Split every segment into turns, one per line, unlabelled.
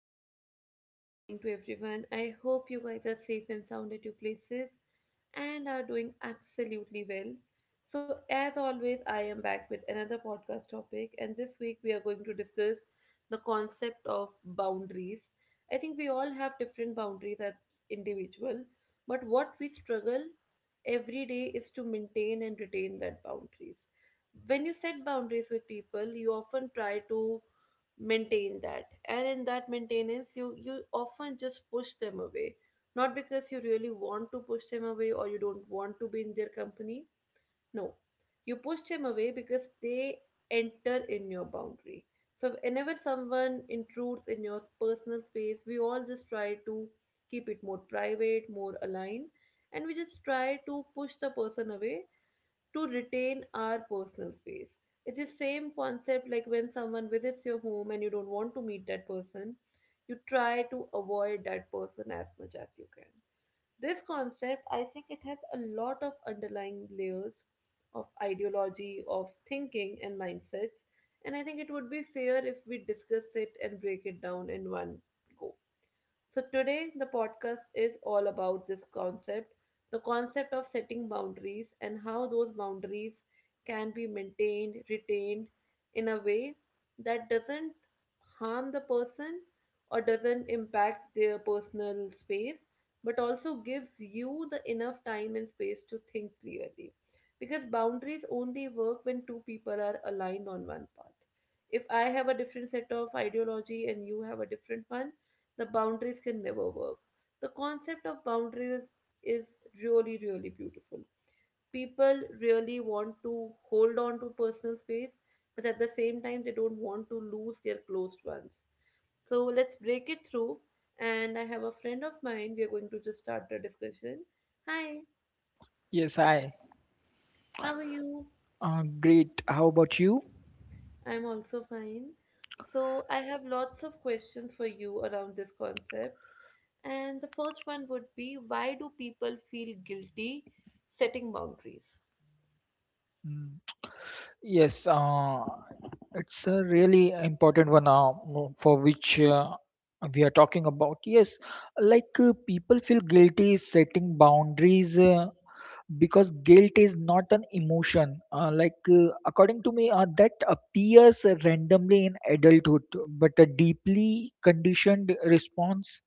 very warm good morning to everyone. I hope you guys are safe and sound at your places and are doing absolutely well. So, as always, I am back with another podcast topic, and this week we are going to discuss the concept of boundaries. I think we all have different boundaries as individual, but what we struggle every day is to maintain and retain that boundaries. When you set boundaries with people, you often try to maintain that, and in that maintenance you often just push them away, not because you really want to push them away or you don't want to be in their company. No, you push them away because they enter in your boundary. So whenever someone intrudes in your personal space, we all just try to keep it more private, more aligned, and we just try to push the person away to retain our personal space. It's the same concept, like when someone visits your home and you don't want to meet that person, you try to avoid that person as much as you can. This concept, I think it has a lot of underlying layers of ideology, of thinking, and mindsets. And I think it would be fair if we discuss it and break it down in one go. So, today the podcast is all about this concept, the concept of setting boundaries and how those boundaries can be maintained, retained in a way that doesn't harm the person or doesn't impact their personal space, but also gives you the enough time and space to think clearly. Because boundaries only work when two people are aligned on one path. If I have a different set of ideology and you have a different one, the boundaries can never work. The concept of boundaries is really, really beautiful. People really want to hold on to personal space, but at the same time, they don't want to lose their closed ones. So let's break it through. And I have a friend of mine. We are going to just start the discussion. Hi,
Yes, I.
how are you?
Great. How about you?
I'm also fine. So I have lots of questions for you around this concept. And the first one would be, why do people feel guilty setting boundaries?
Mm. Yes, it's a really important one for which we are talking about. Yes, people feel guilty setting boundaries. Because guilt is not an emotion. According to me, that appears randomly in adulthood, but a deeply conditioned response,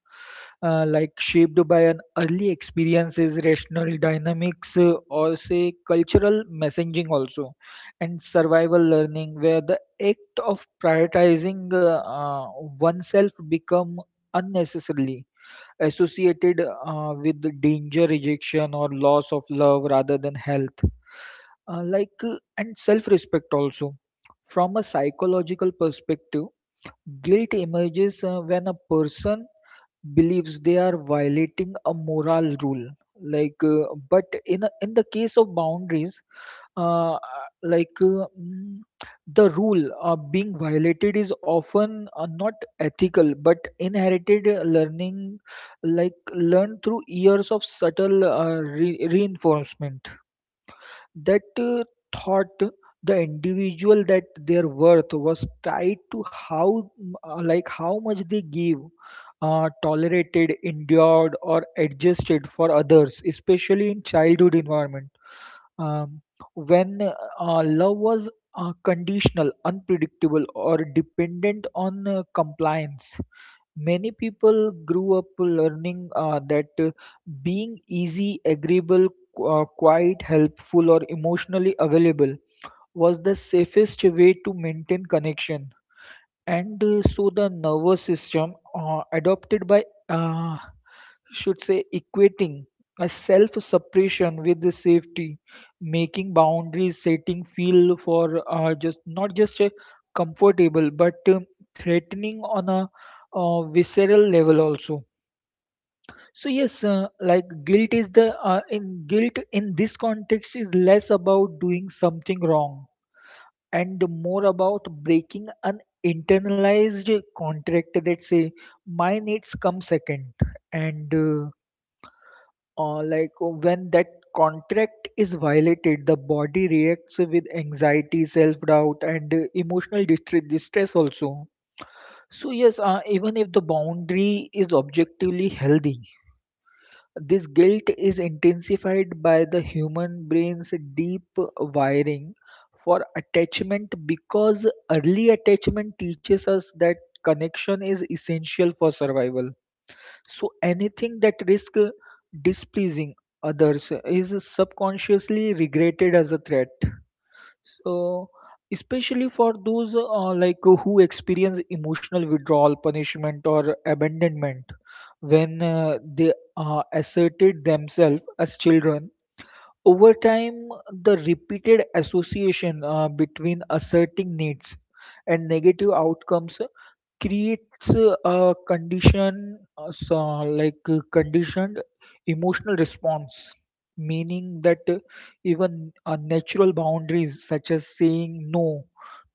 shaped by an early experiences, rational dynamics, or say cultural messaging also, and survival learning, where the act of prioritizing oneself become unnecessarily associated with the danger, rejection, or loss of love rather than health. And self-respect also. From a psychological perspective, guilt emerges when a person believes they are violating a moral rule but in the case of boundaries uh, like uh, mm, the rule being violated is often not ethical but inherited learning, like learned through years of subtle reinforcement that thought the individual that their worth was tied to how how much they gave, tolerated, endured, or adjusted for others, especially in childhood environment, um, when love was conditional, unpredictable, or dependent on compliance. Many people grew up learning that being easy, agreeable, quiet, helpful, or emotionally available was the safest way to maintain connection. And so the nervous system adopted should say, equating a self suppression with the safety, making boundaries setting feel for just not just comfortable but threatening on a visceral level also. So yes, guilt is the in guilt in this context is less about doing something wrong and more about breaking an internalized contract that say my needs come second, and when that contract is violated, the body reacts with anxiety, self-doubt, and emotional distress also. So yes, even if the boundary is objectively healthy, this guilt is intensified by the human brain's deep wiring for attachment, because early attachment teaches us that connection is essential for survival. So anything that risks displeasing others is subconsciously regretted as a threat. So, especially for those who experience emotional withdrawal, punishment, or abandonment when they asserted themselves as children. Over time, the repeated association between asserting needs and negative outcomes creates a conditioned emotional response, meaning that even natural boundaries, such as saying no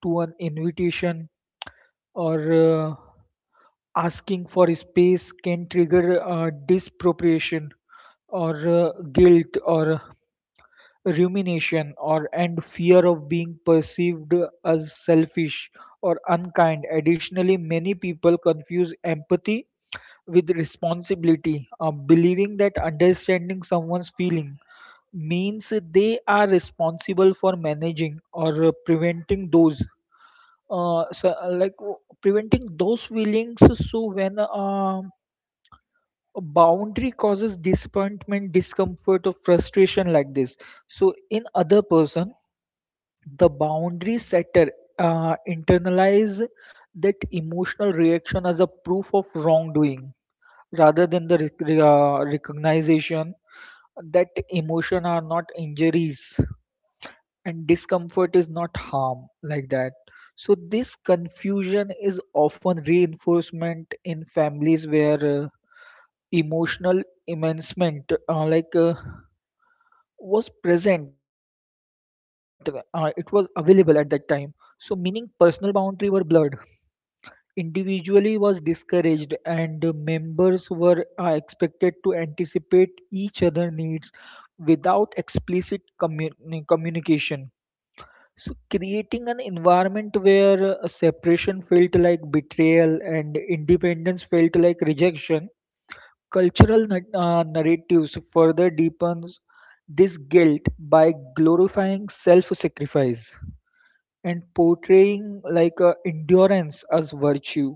to an invitation or asking for space, can trigger disappropriation or guilt or rumination or and fear of being perceived as selfish or unkind. Additionally, many people confuse empathy with responsibility, believing that understanding someone's feeling means they are responsible for managing or preventing those uh, so, uh, like uh, preventing those feelings. So when a boundary causes disappointment, discomfort, or frustration like this, so in other person, the boundary setter internalize that emotional reaction as a proof of wrongdoing rather than the recognition that emotion are not injuries and discomfort is not harm like that. So this confusion is often reinforcement in families where emotional emancement was present. It was available at that time, so meaning personal boundary were blurred, individually was discouraged, and the members were expected to anticipate each other needs without explicit communication, so creating an environment where separation felt like betrayal and independence felt like rejection. Cultural narratives further deepens this guilt by glorifying self-sacrifice and portraying endurance as virtue.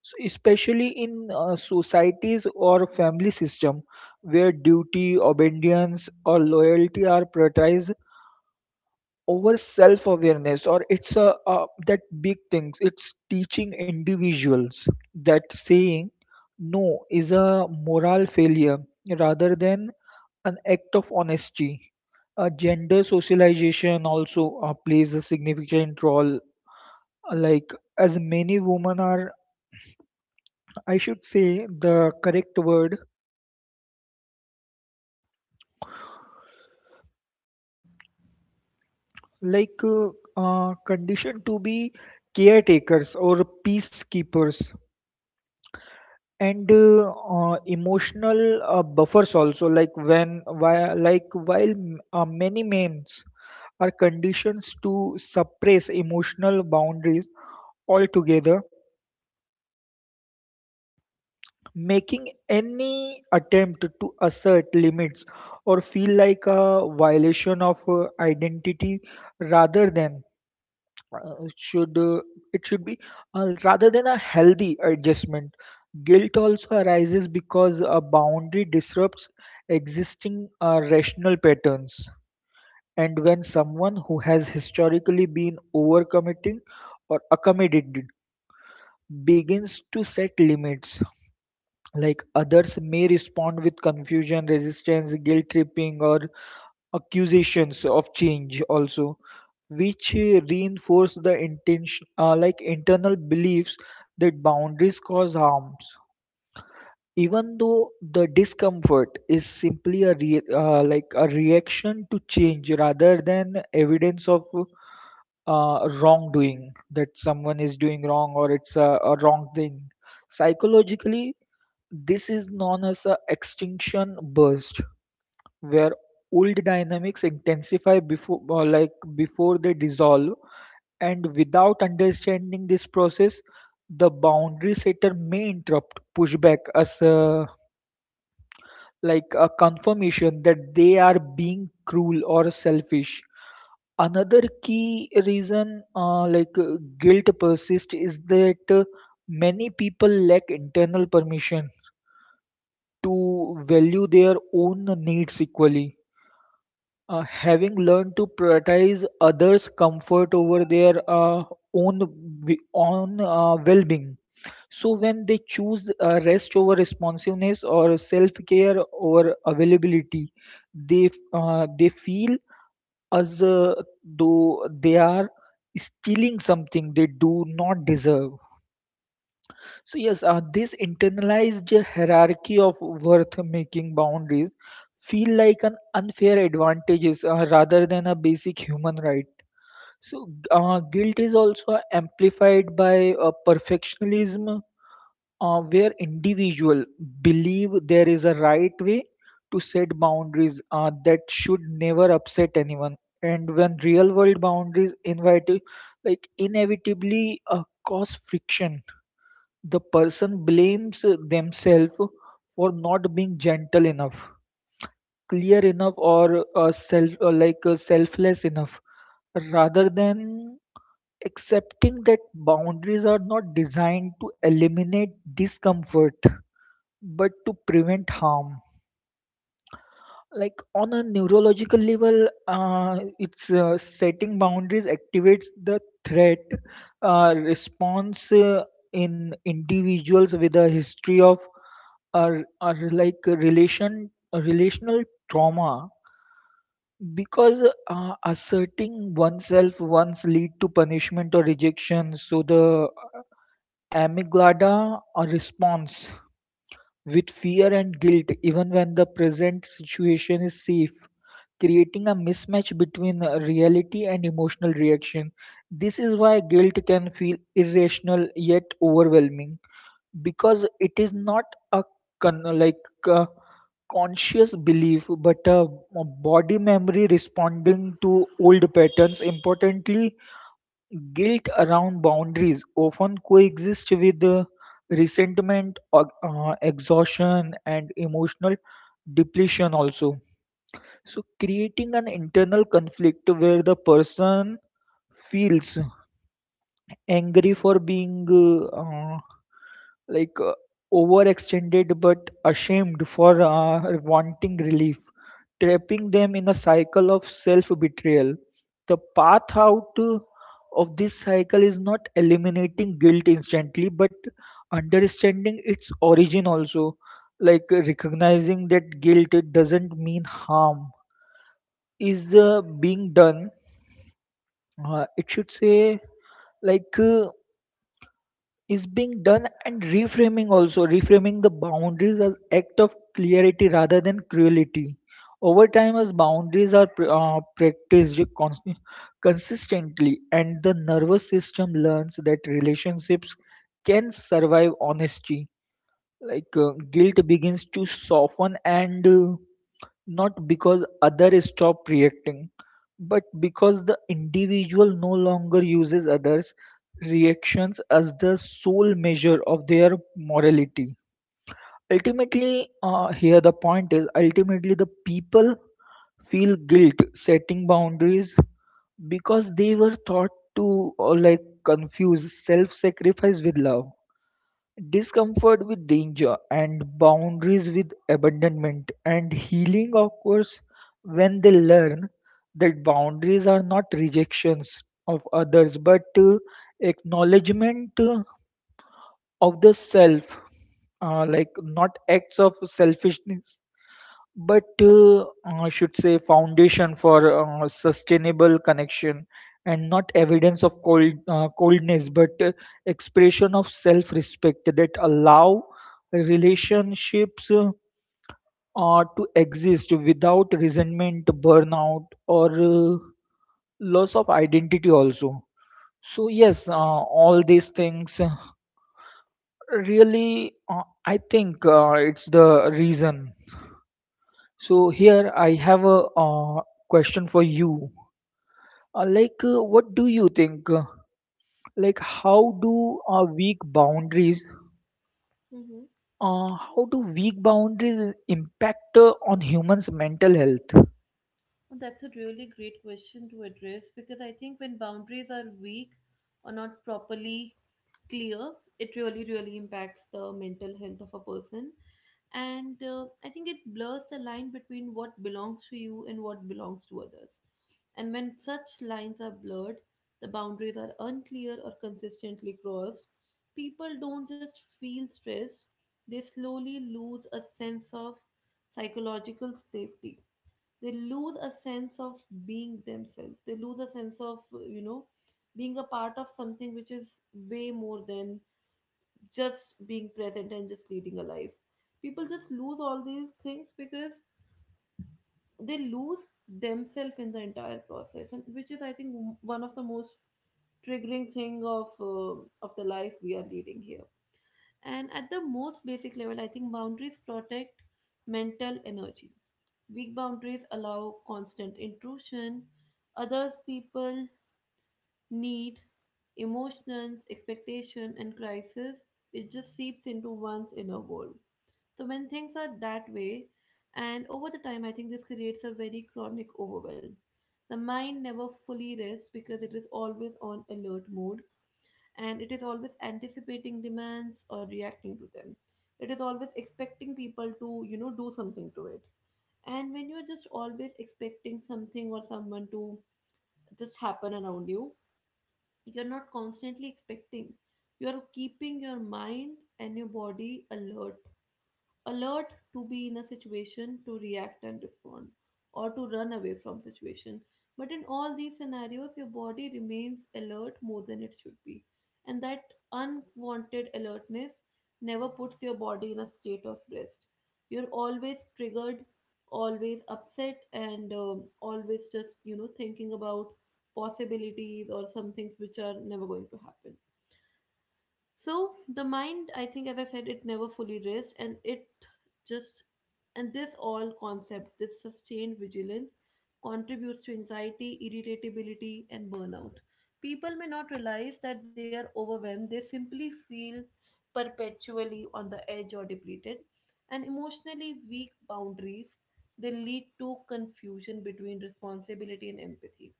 So especially in societies or family system where duty, obedience, or loyalty are prioritized over self awareness, or it's a that big things, it's teaching individuals that saying no is a moral failure rather than an act of honesty. Gender socialization also plays a significant role, like as many women are, I should say the correct word, like uh, conditioned to be caretakers or peacekeepers and emotional buffers also, like when while like while m- many memes are conditions to suppress emotional boundaries altogether, making any attempt to assert limits or feel like a violation of identity rather than should it should be rather than a healthy adjustment. Guilt also arises because a boundary disrupts existing rational patterns, and when someone who has historically been overcommitting or accommodated begins to set limits, like others may respond with confusion, resistance, guilt tripping, or accusations of change also, which reinforce the intention, internal beliefs that boundaries cause harms, even though the discomfort is simply a reaction to change rather than evidence of wrongdoing, that someone is doing wrong or it's a wrong thing. Psychologically, this is known as a extinction burst, where old dynamics intensify before before they dissolve. And without understanding this process, the boundary setter may interrupt, push back as a confirmation that they are being cruel or selfish. Another key reason, guilt persists, is that many people lack internal permission to value their own needs equally, having learned to prioritize others' comfort over their own own well-being. So when they choose rest over responsiveness or self-care over availability, they feel as though they are stealing something they do not deserve. So yes, this internalized hierarchy of worth making boundaries feel like an unfair advantages rather than a basic human right. So guilt is also amplified by perfectionism, where individual believe there is a right way to set boundaries that should never upset anyone. And when real world boundaries invite, like inevitably cause friction, the person blames themselves for not being gentle enough, clear enough, or selfless enough, rather than accepting that boundaries are not designed to eliminate discomfort but to prevent harm. Like on a neurological level, it's setting boundaries activates the threat response in individuals with a history of are like a relation a relational trauma, because asserting oneself once lead to punishment or rejection, so the amygdala responds with fear and guilt even when the present situation is safe, creating a mismatch between reality and emotional reaction. This is why guilt can feel irrational yet overwhelming, because it is not a con- like uh, conscious belief but a body memory responding to old patterns. Importantly, guilt around boundaries often coexist with resentment or exhaustion and emotional depletion also, so creating an internal conflict where the person feels angry for being like uh, overextended but ashamed for wanting relief, trapping them in a cycle of self betrayal. The path out of this cycle is not eliminating guilt instantly but understanding its origin also, recognizing that guilt it doesn't mean harm is being done. It should say like Is being done, and reframing also, reframing the boundaries as act of clarity rather than cruelty. Over time, as boundaries are practiced consistently and the nervous system learns that relationships can survive honesty, guilt begins to soften, and not because others stop reacting but because the individual no longer uses others reactions as the sole measure of their morality. Ultimately, here the point is ultimately the people feel guilt setting boundaries because they were taught to confuse self sacrifice with love, discomfort with danger, and boundaries with abandonment. And healing occurs when they learn that boundaries are not rejections of others but acknowledgement of the self, not acts of selfishness but, I should say, foundation for sustainable connection, and not evidence of coldness, but expression of self-respect that allow relationships to exist without resentment, burnout, or uh, loss of identity also. So yes, all these things really, I think it's the reason. So here I have a question for you. What do you think? Like, how do weak boundaries?
Mm-hmm.
How do weak boundaries impact on humans' mental health?
Well, that's a really great question to address because I think when boundaries are weak or not properly clear, it really, really impacts the mental health of a person. And I think it blurs the line between what belongs to you and what belongs to others. And when such lines are blurred, the boundaries are unclear or consistently crossed, people don't just feel stressed, they slowly lose a sense of psychological safety. They lose a sense of being themselves. They lose a sense of, you know, being a part of something which is way more than just being present and just leading a life. People just lose all these things because they lose themselves in the entire process, and which is, I think, one of the most triggering thing of the life we are leading here. And at the most basic level, I think boundaries protect mental energy. Weak boundaries allow constant intrusion: others people need, emotions, expectation, and crisis, it just seeps into one's inner world. So when things are that way, and over the time, I think this creates a very chronic overwhelm. The mind never fully rests because it is always on alert mode and it is always anticipating demands or reacting to them. It is always expecting people to do something to it. And when you're just always expecting something or someone to just happen around you, you're not constantly expecting. You're keeping your mind and your body alert to be in a situation to react and respond or to run away from situation. But in all these scenarios your body remains alert more than it should be, and that unwanted alertness never puts your body in a state of rest. You're always triggered, always upset, and always just thinking about possibilities or some things which are never going to happen. So the mind, I think, as I said, it never fully rests, and it just and this all concept, this sustained vigilance, contributes to anxiety, irritability, and burnout. People may not realize that they are overwhelmed; they simply feel perpetually on the edge or depleted, and emotionally weak boundaries. They lead to confusion between responsibility and empathy.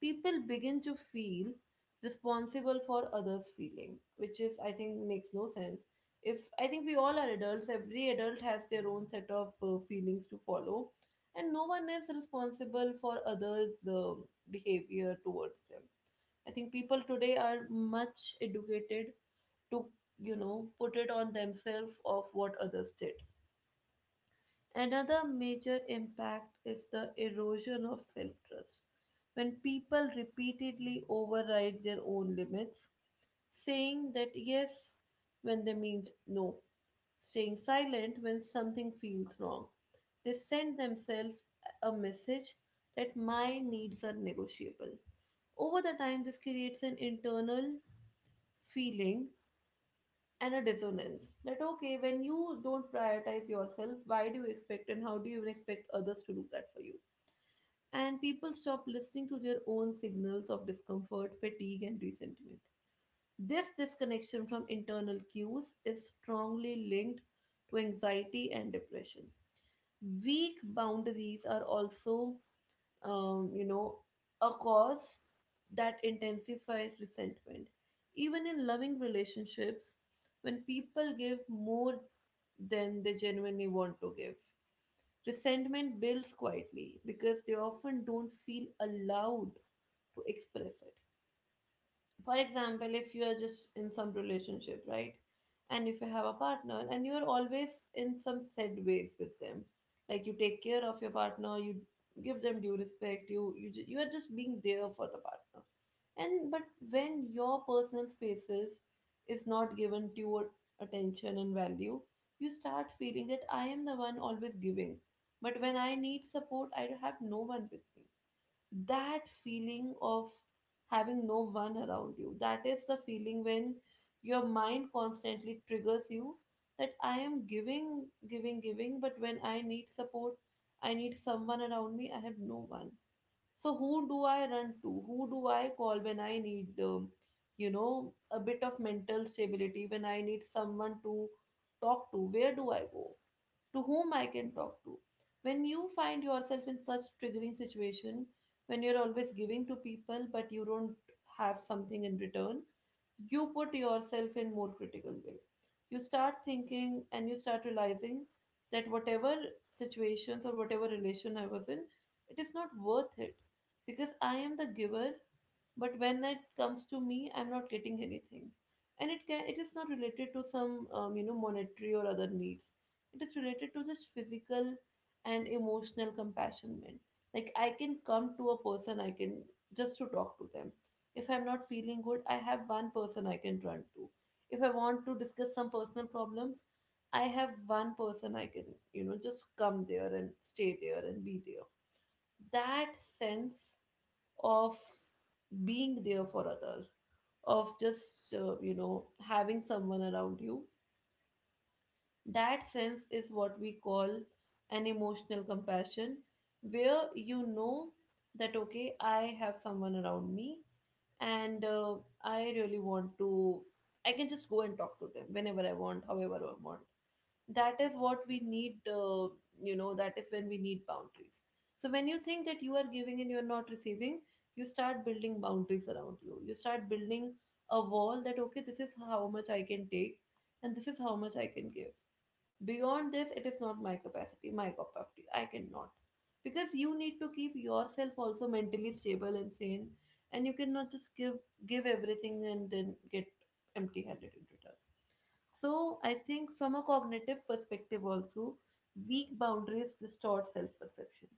People begin to feel responsible for others' feeling, which is, I think, makes no sense. If I think we all are adults, every adult has their own set of feelings to follow, and no one is responsible for others' behavior towards them. I think people today are much educated to, you know, put it on themselves of what others did. Another major impact is the erosion of self trust. When people repeatedly override their own limits, saying that yes when they means no, staying silent when something feels wrong, they send themselves a message that my needs are negotiable. Over the time, this creates an internal feeling and a dissonance that, okay, when you don't prioritize yourself, why do you expect and how do you even expect others to do that for you? And people stop listening to their own signals of discomfort, fatigue, and resentment. This disconnection from internal cues is strongly linked to anxiety and depression. Weak boundaries are also um, you know, a cause that intensifies resentment. Even in loving relationships, when people give more than they genuinely want to give, resentment builds quietly because they often don't feel allowed to express it. For example, if you are just in some relationship, right, and if you have a partner and you are always in some said ways with them, like you take care of your partner, you give them due respect, you are just being there for the partner. And but when your personal spaces is not given due attention and value, you start feeling that I am the one always giving, but when I need support I have no one with me. That feeling of having no one around you, that is the feeling when your mind constantly triggers you that I am giving, giving, giving, but when I need support, I need someone around me, I have no one. So who do I run to, who do I call when I need a bit of mental stability, when I need someone to talk to, where do I go, to whom I can talk to? When you find yourself in such triggering situation, when you're always giving to people but you don't have something in return, you put yourself in more critical way. You start thinking and you start realizing that whatever situations or whatever relation I was in, it is not worth it because I am the giver, but when it comes to me, I'm not getting anything. And it is not related to some monetary or other needs, it is related to just physical and emotional compassionment. Like, I can come to a person, I can just to talk to them. If I'm not feeling good, I have one person I can run to. If I want to discuss some personal problems, I have one person I can just come there and stay there and be there. That sense of being there for others, of just having someone around you, that sense is what we call an emotional compassion, where you know that, okay, I have someone around me, and I really want to, I can just go and talk to them whenever I want, however I want. That is what we need, that is when we need boundaries. So when you think that you are giving and you're not receiving, you start building boundaries around you. You start building a wall that, okay, this is how much I can take and this is how much I can give. Beyond this, it is not my capacity, my cup of tea. I cannot. Because you need to keep yourself also mentally stable and sane, and you cannot just give everything and then get empty handed into task. So I think from a cognitive perspective also, weak boundaries distort self-perception.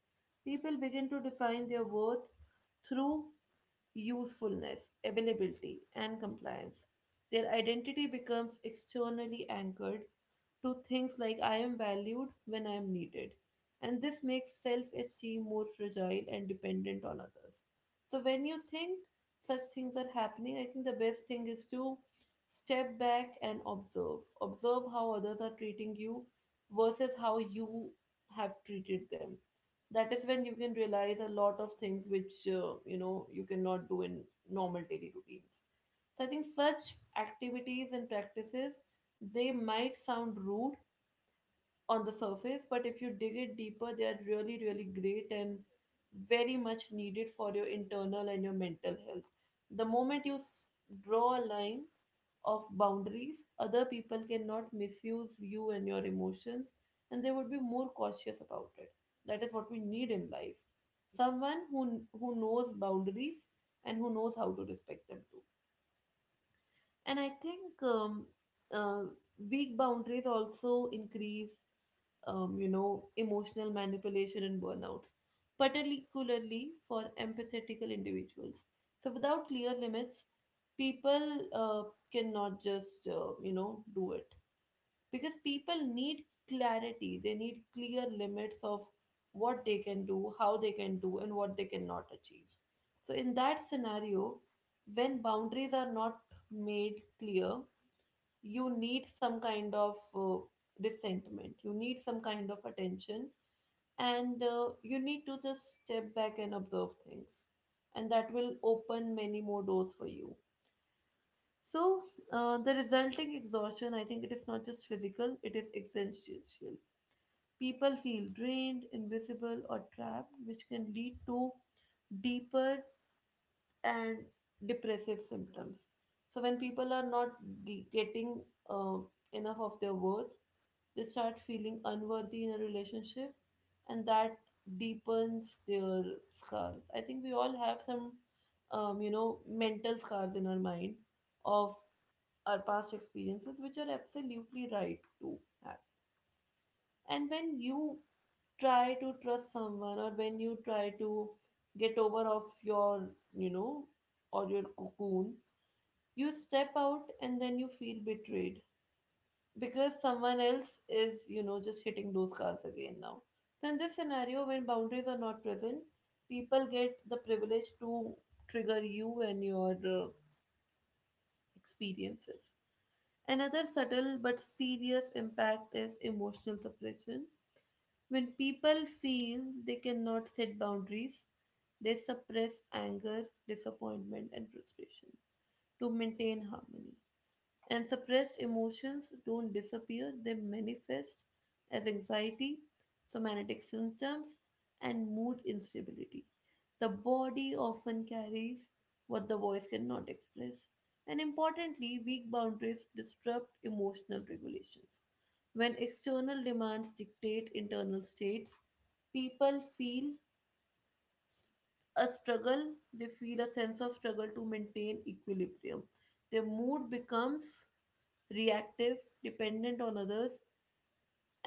People begin to define their worth through usefulness, availability, and compliance. Their identity becomes externally anchored to things like I am valued when I am needed. And this makes self esteem more fragile and dependent on others. So, when you think such things are happening, I think the best thing is to step back and observe. Observe how others are treating you versus how you have treated them. That is when you can realize a lot of things which you cannot do in normal daily routines. So I think such activities and practices, they might sound rude on the surface, but if you dig it deeper, they are really really great and very much needed for your internal and your mental health. The moment you draw a line of boundaries, other people cannot misuse you and your emotions, and they would be more cautious about it. That is what we need in life, someone who knows boundaries and who knows how to respect them too. And I think uh, weak boundaries also increase, emotional manipulation and burnouts, particularly for empathetical individuals. So without clear limits, people cannot just, do it, because people need clarity, they need clear limits of what they can do, how they can do, and what they cannot achieve. So in that scenario, when boundaries are not made clear, you need some kind of resentment, you need some kind of attention, and you need to just step back and observe things, and that will open many more doors for you. So the resulting exhaustion, I think it is not just physical, it is existential. People feel drained, invisible, or trapped, which can lead to deeper and depressive symptoms. So when people are not getting uh, enough of their worth, they start feeling unworthy in a relationship, and that deepens their scars. I think we all have some, mental scars in our mind of our past experiences, which are absolutely right to have. And when you try to trust someone, or when you try to get over of your, you know, or your cocoon, you step out and then you feel betrayed because someone else is, you know, just hitting those cars again now. So in this scenario, when boundaries are not present, people get the privilege to trigger you and your experiences. Another subtle but serious impact is emotional suppression. When people feel they cannot set boundaries, they suppress anger, disappointment, and frustration to maintain harmony. And suppressed emotions don't disappear, they manifest as anxiety, somatic symptoms, and mood instability. The body often carries what the voice cannot express. And importantly, weak boundaries disrupt emotional regulations. When external demands dictate internal states, people feel they feel a sense of struggle to maintain equilibrium. Their mood becomes reactive, dependent on others,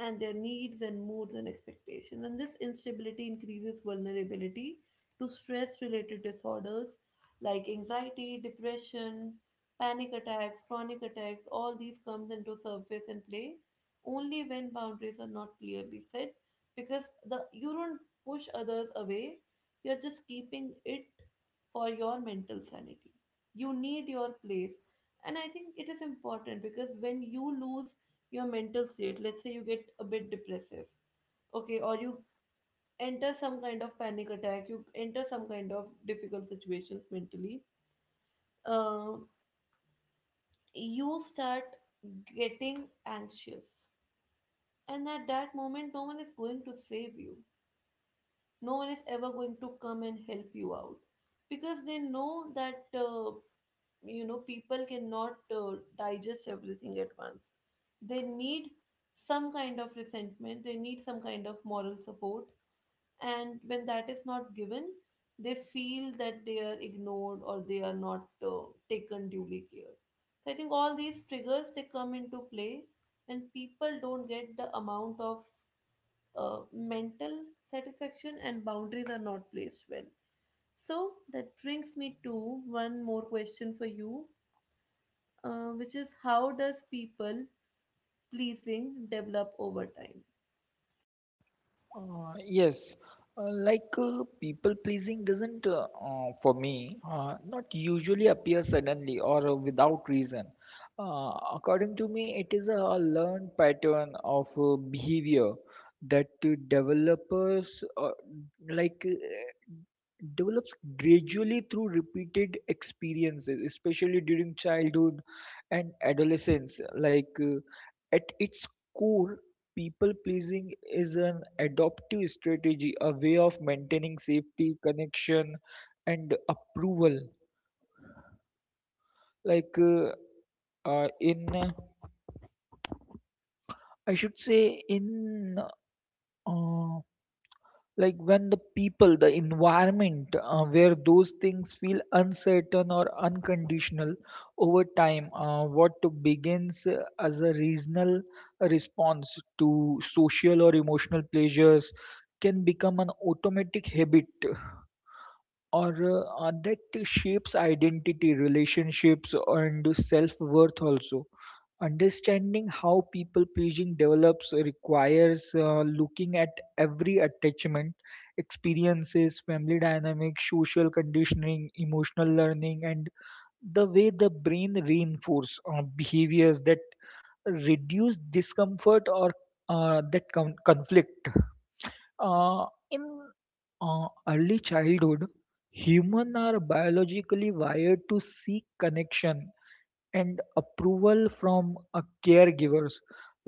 and their needs and moods and expectations. And this instability increases vulnerability to stress related disorders like anxiety, depression, panic attacks, chronic attacks. All these comes into surface and play only when boundaries are not clearly set, because the you don't push others away, you're just keeping it for your mental sanity. You need your place. And I think it is important, because when you lose your mental state, let's say you get a bit depressive, okay, or you enter some kind of panic attack, you enter some kind of difficult situations mentally, um, you start getting anxious. And at that moment, no one is going to save you. No one is ever going to come and help you out because they know that, people cannot digest everything at once. They need some kind of resentment, they need some kind of moral support, and when that is not given, they feel that they are ignored, or they are not taken duly care. So I think all these triggers, they come into play when people don't get the amount of mental satisfaction and boundaries are not placed well. So that brings me to one more question for you, which is how does people pleasing develop over time.
Yes, people pleasing doesn't, for me, not usually appear suddenly or without reason. According to me, it is a learned pattern of behavior that developers like develops gradually through repeated experiences, especially during childhood and adolescence. At its core, people-pleasing is an adaptive strategy, a way of maintaining safety, connection, and approval. Like uh, uh, in, uh, I should say in, uh, when the people, the environment where those things feel uncertain or unconditional. Over time, what begins as a reasonable response to social or emotional pleasures can become an automatic habit or that shapes identity, relationships, and self worth also. Understanding how people pleasing develops requires looking at every attachment, experiences, family dynamics, social conditioning, emotional learning, and the way the brain reinforce behaviors that reduce discomfort or that conflict. In early childhood, humans are biologically wired to seek connection and approval from a caregivers.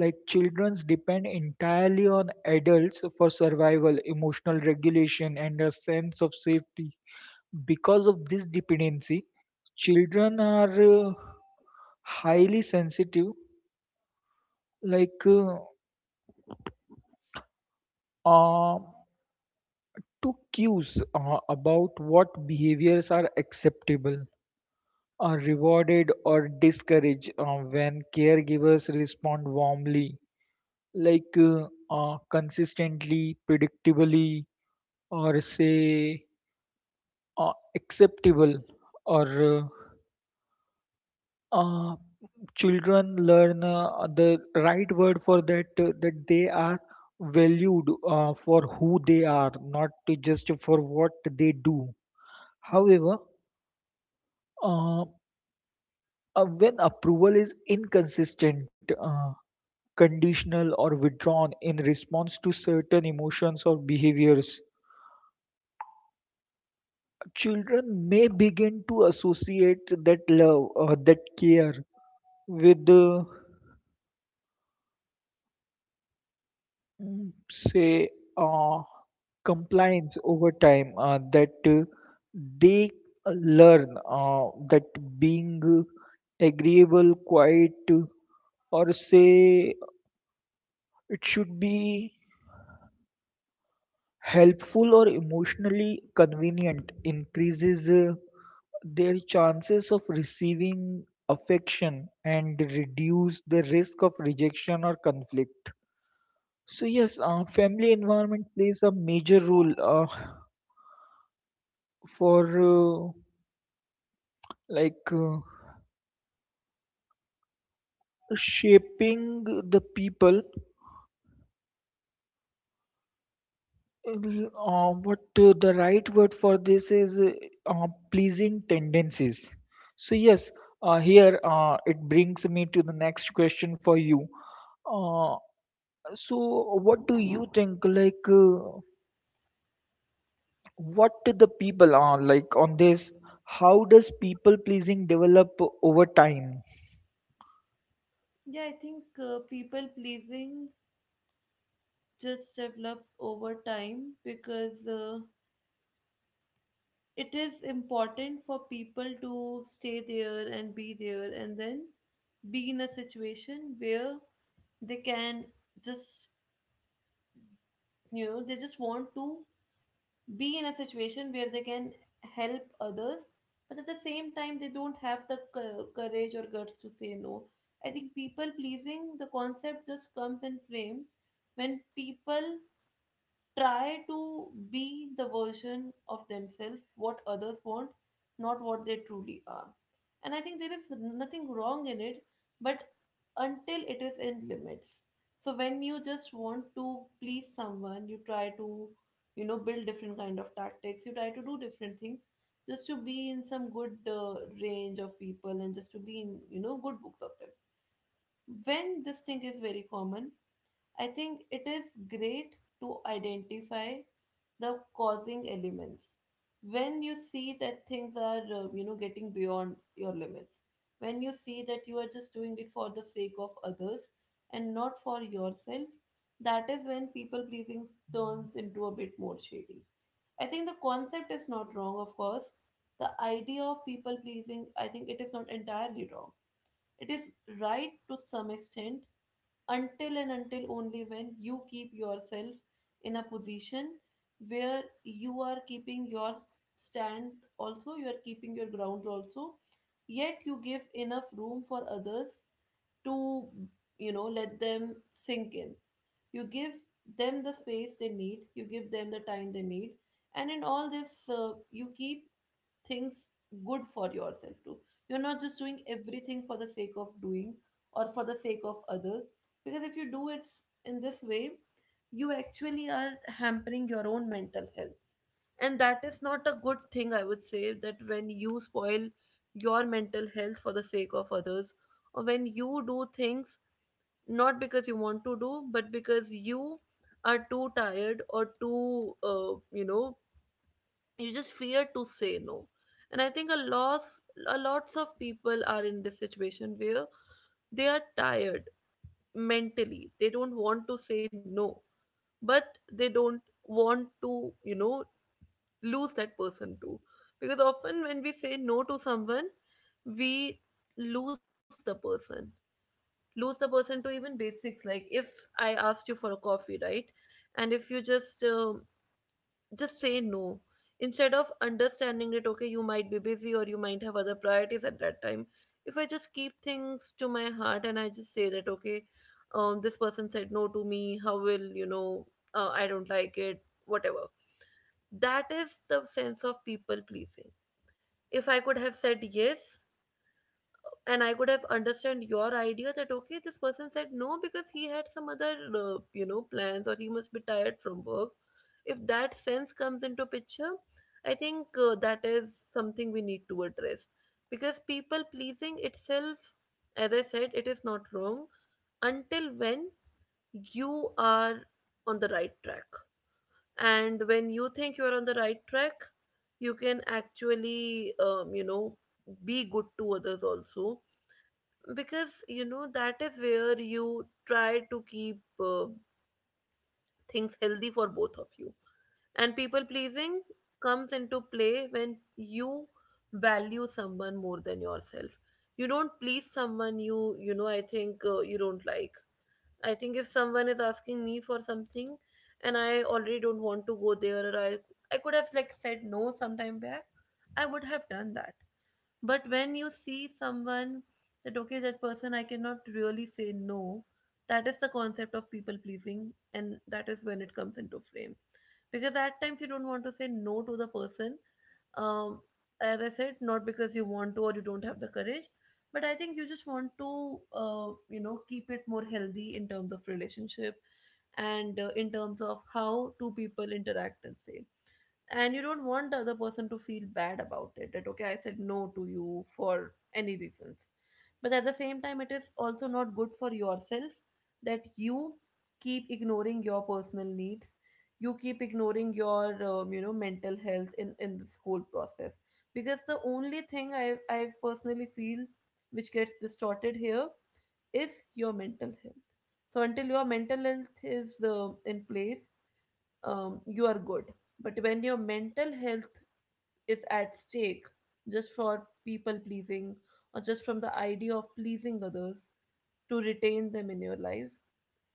Like children depend entirely on adults for survival, emotional regulation, and a sense of safety. Because of this dependency, children are highly sensitive, like uh, uh, to cues about what behaviors are acceptable, are rewarded or discouraged. When caregivers respond warmly, consistently, predictably, or say acceptable, or uh, uh, children learn, the right word for that, that they are valued for who they are, not to just for what they do. However, uh, when approval is inconsistent, conditional, or withdrawn in response to certain emotions or behaviors, children may begin to associate that love or that care with, mm, say, uh, compliance. Over time, that they learn that being agreeable, quiet, or say, it should be helpful or emotionally convenient, increases their chances of receiving affection and reduce the risk of rejection or conflict. So yes, family environment plays a major role for like shaping the people, Uh, what the right word for this is, pleasing tendencies. So yes, here it brings me to the next question for you. Uh, So, what do you think? What the people are like on this? How does people pleasing develop over time?
Yeah, I think people pleasing just develops over time, because it is important for people to stay there and be there, and then be in a situation where they can just, you know, they just want to be in a situation where they can help others, but at the same time, they don't have the courage or guts to say no. I think people pleasing, the concept just comes in frame when people try to be the version of themselves what others want, not what they truly are. And I think there is nothing wrong in it, but until it is in limits. So when you just want to please someone, you try to, you know, build different kind of tactics, you try to do different things just to be in some good range of people, and just to be in, you know, good books of them. When this thing is very common, I think it is great to identify the causing elements. When you see that things are, getting beyond your limits, when you see that you are just doing it for the sake of others and not for yourself, that is when people pleasing turns into a bit more shady. I think the concept is not wrong, of course. The idea of people pleasing, I think it is not entirely wrong. It is right to some extent, until and until only when you keep yourself in a position where you are keeping your stand also, you are keeping your ground also, yet you give enough room for others to, you know, let them sink in. You give them the space they need, you give them the time they need, and in all this, you keep things good for yourself too. You're not just doing everything for the sake of doing or for the sake of others. Because if you do it in this way, you actually are hampering your own mental health. And that is not a good thing, I would say, that when you spoil your mental health for the sake of others, or when you do things not because you want to do, but because you are too tired or too, you just fear to say no. And I think a lots of people are in this situation where they are tired mentally, they don't want to say no, but they don't want to, you know, lose that person too. Because often when we say no to someone, we lose the person, lose the person to even basics. Like, if I asked you for a coffee, right, and if you just say no, instead of understanding it, okay, you might be busy or you might have other priorities at that time, if I just keep things to my heart and I just say that, okay, this person said no to me, how will you know, I don't like it, whatever, that is the sense of people pleasing. If I could have said yes, and I could have understand your idea that okay, this person said no because he had some other, plans, or he must be tired from work. If that sense comes into picture, I think that is something we need to address, because people pleasing itself, as I said, it is not wrong until when you are on the right track. And when you think you are on the right track, you can actually, be good to others also, because you know that is where you try to keep things healthy for both of you. And people pleasing comes into play when you value someone more than yourself. You don't please someone, you know I think, you don't like, I think if someone is asking me for something and I already don't want to go there, or I could have like said no sometime back, I would have done that. But when you see someone that, okay, that person, I cannot really say no, that is the concept of people pleasing, and that is when it comes into frame. Because at times you don't want to say no to the person, um, as I said, not because you want to or you don't have the courage, but I think you just want to, keep it more healthy in terms of relationship and in terms of how two people interact and say. And you don't want the other person to feel bad about it, that okay, I said no to you for any reasons. But at the same time, it is also not good for yourself, that you keep ignoring your personal needs, you keep ignoring your, mental health in this whole process. Because the only thing I personally feel which gets distorted here is your mental health. So until your mental health is in place, you are good. But when your mental health is at stake just for people pleasing, or just from the idea of pleasing others to retain them in your life,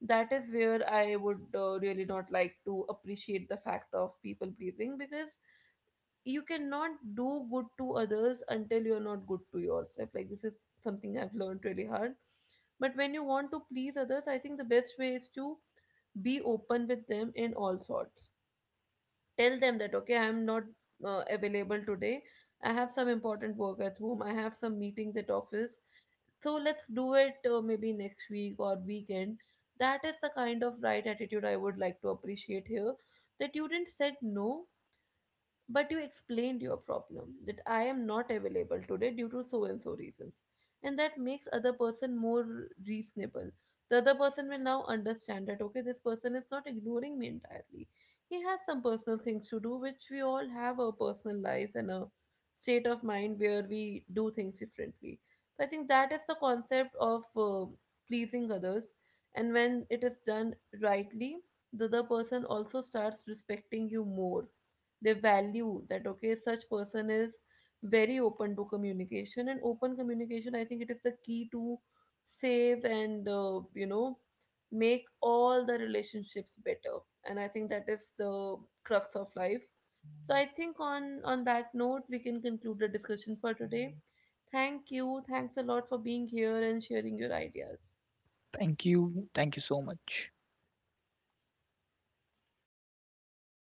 that is where I would really not like to appreciate the fact of people pleasing. Because you cannot do good to others until you're not good to yourself. Like, this is something I've learned really hard. But when you want to please others, I think the best way is to be open with them in all sorts. Tell them that okay, I'm not available today, I have some important work at home, I have some meetings at office, so let's do it, maybe next week or weekend. That is the kind of right attitude I would like to appreciate here, that you didn't said no, but you explained your problem, that I am not available today due to so and so reasons. And that makes other person more reasonable. The other person will now understand that okay, this person is not ignoring me entirely. He has some personal things to do, which we all have a personal life and a state of mind where we do things differently. So I think that is the concept of pleasing others. And when it is done rightly, the other person also starts respecting you more. They value that okay, such person is very open to communication, and open communication, I think it is the key to save and, make all the relationships better. And I think that is the crux of life. So I think on that note, we can conclude the discussion for today. Thank you, thanks a lot for being here and sharing your ideas.
Thank you. Thank you so much.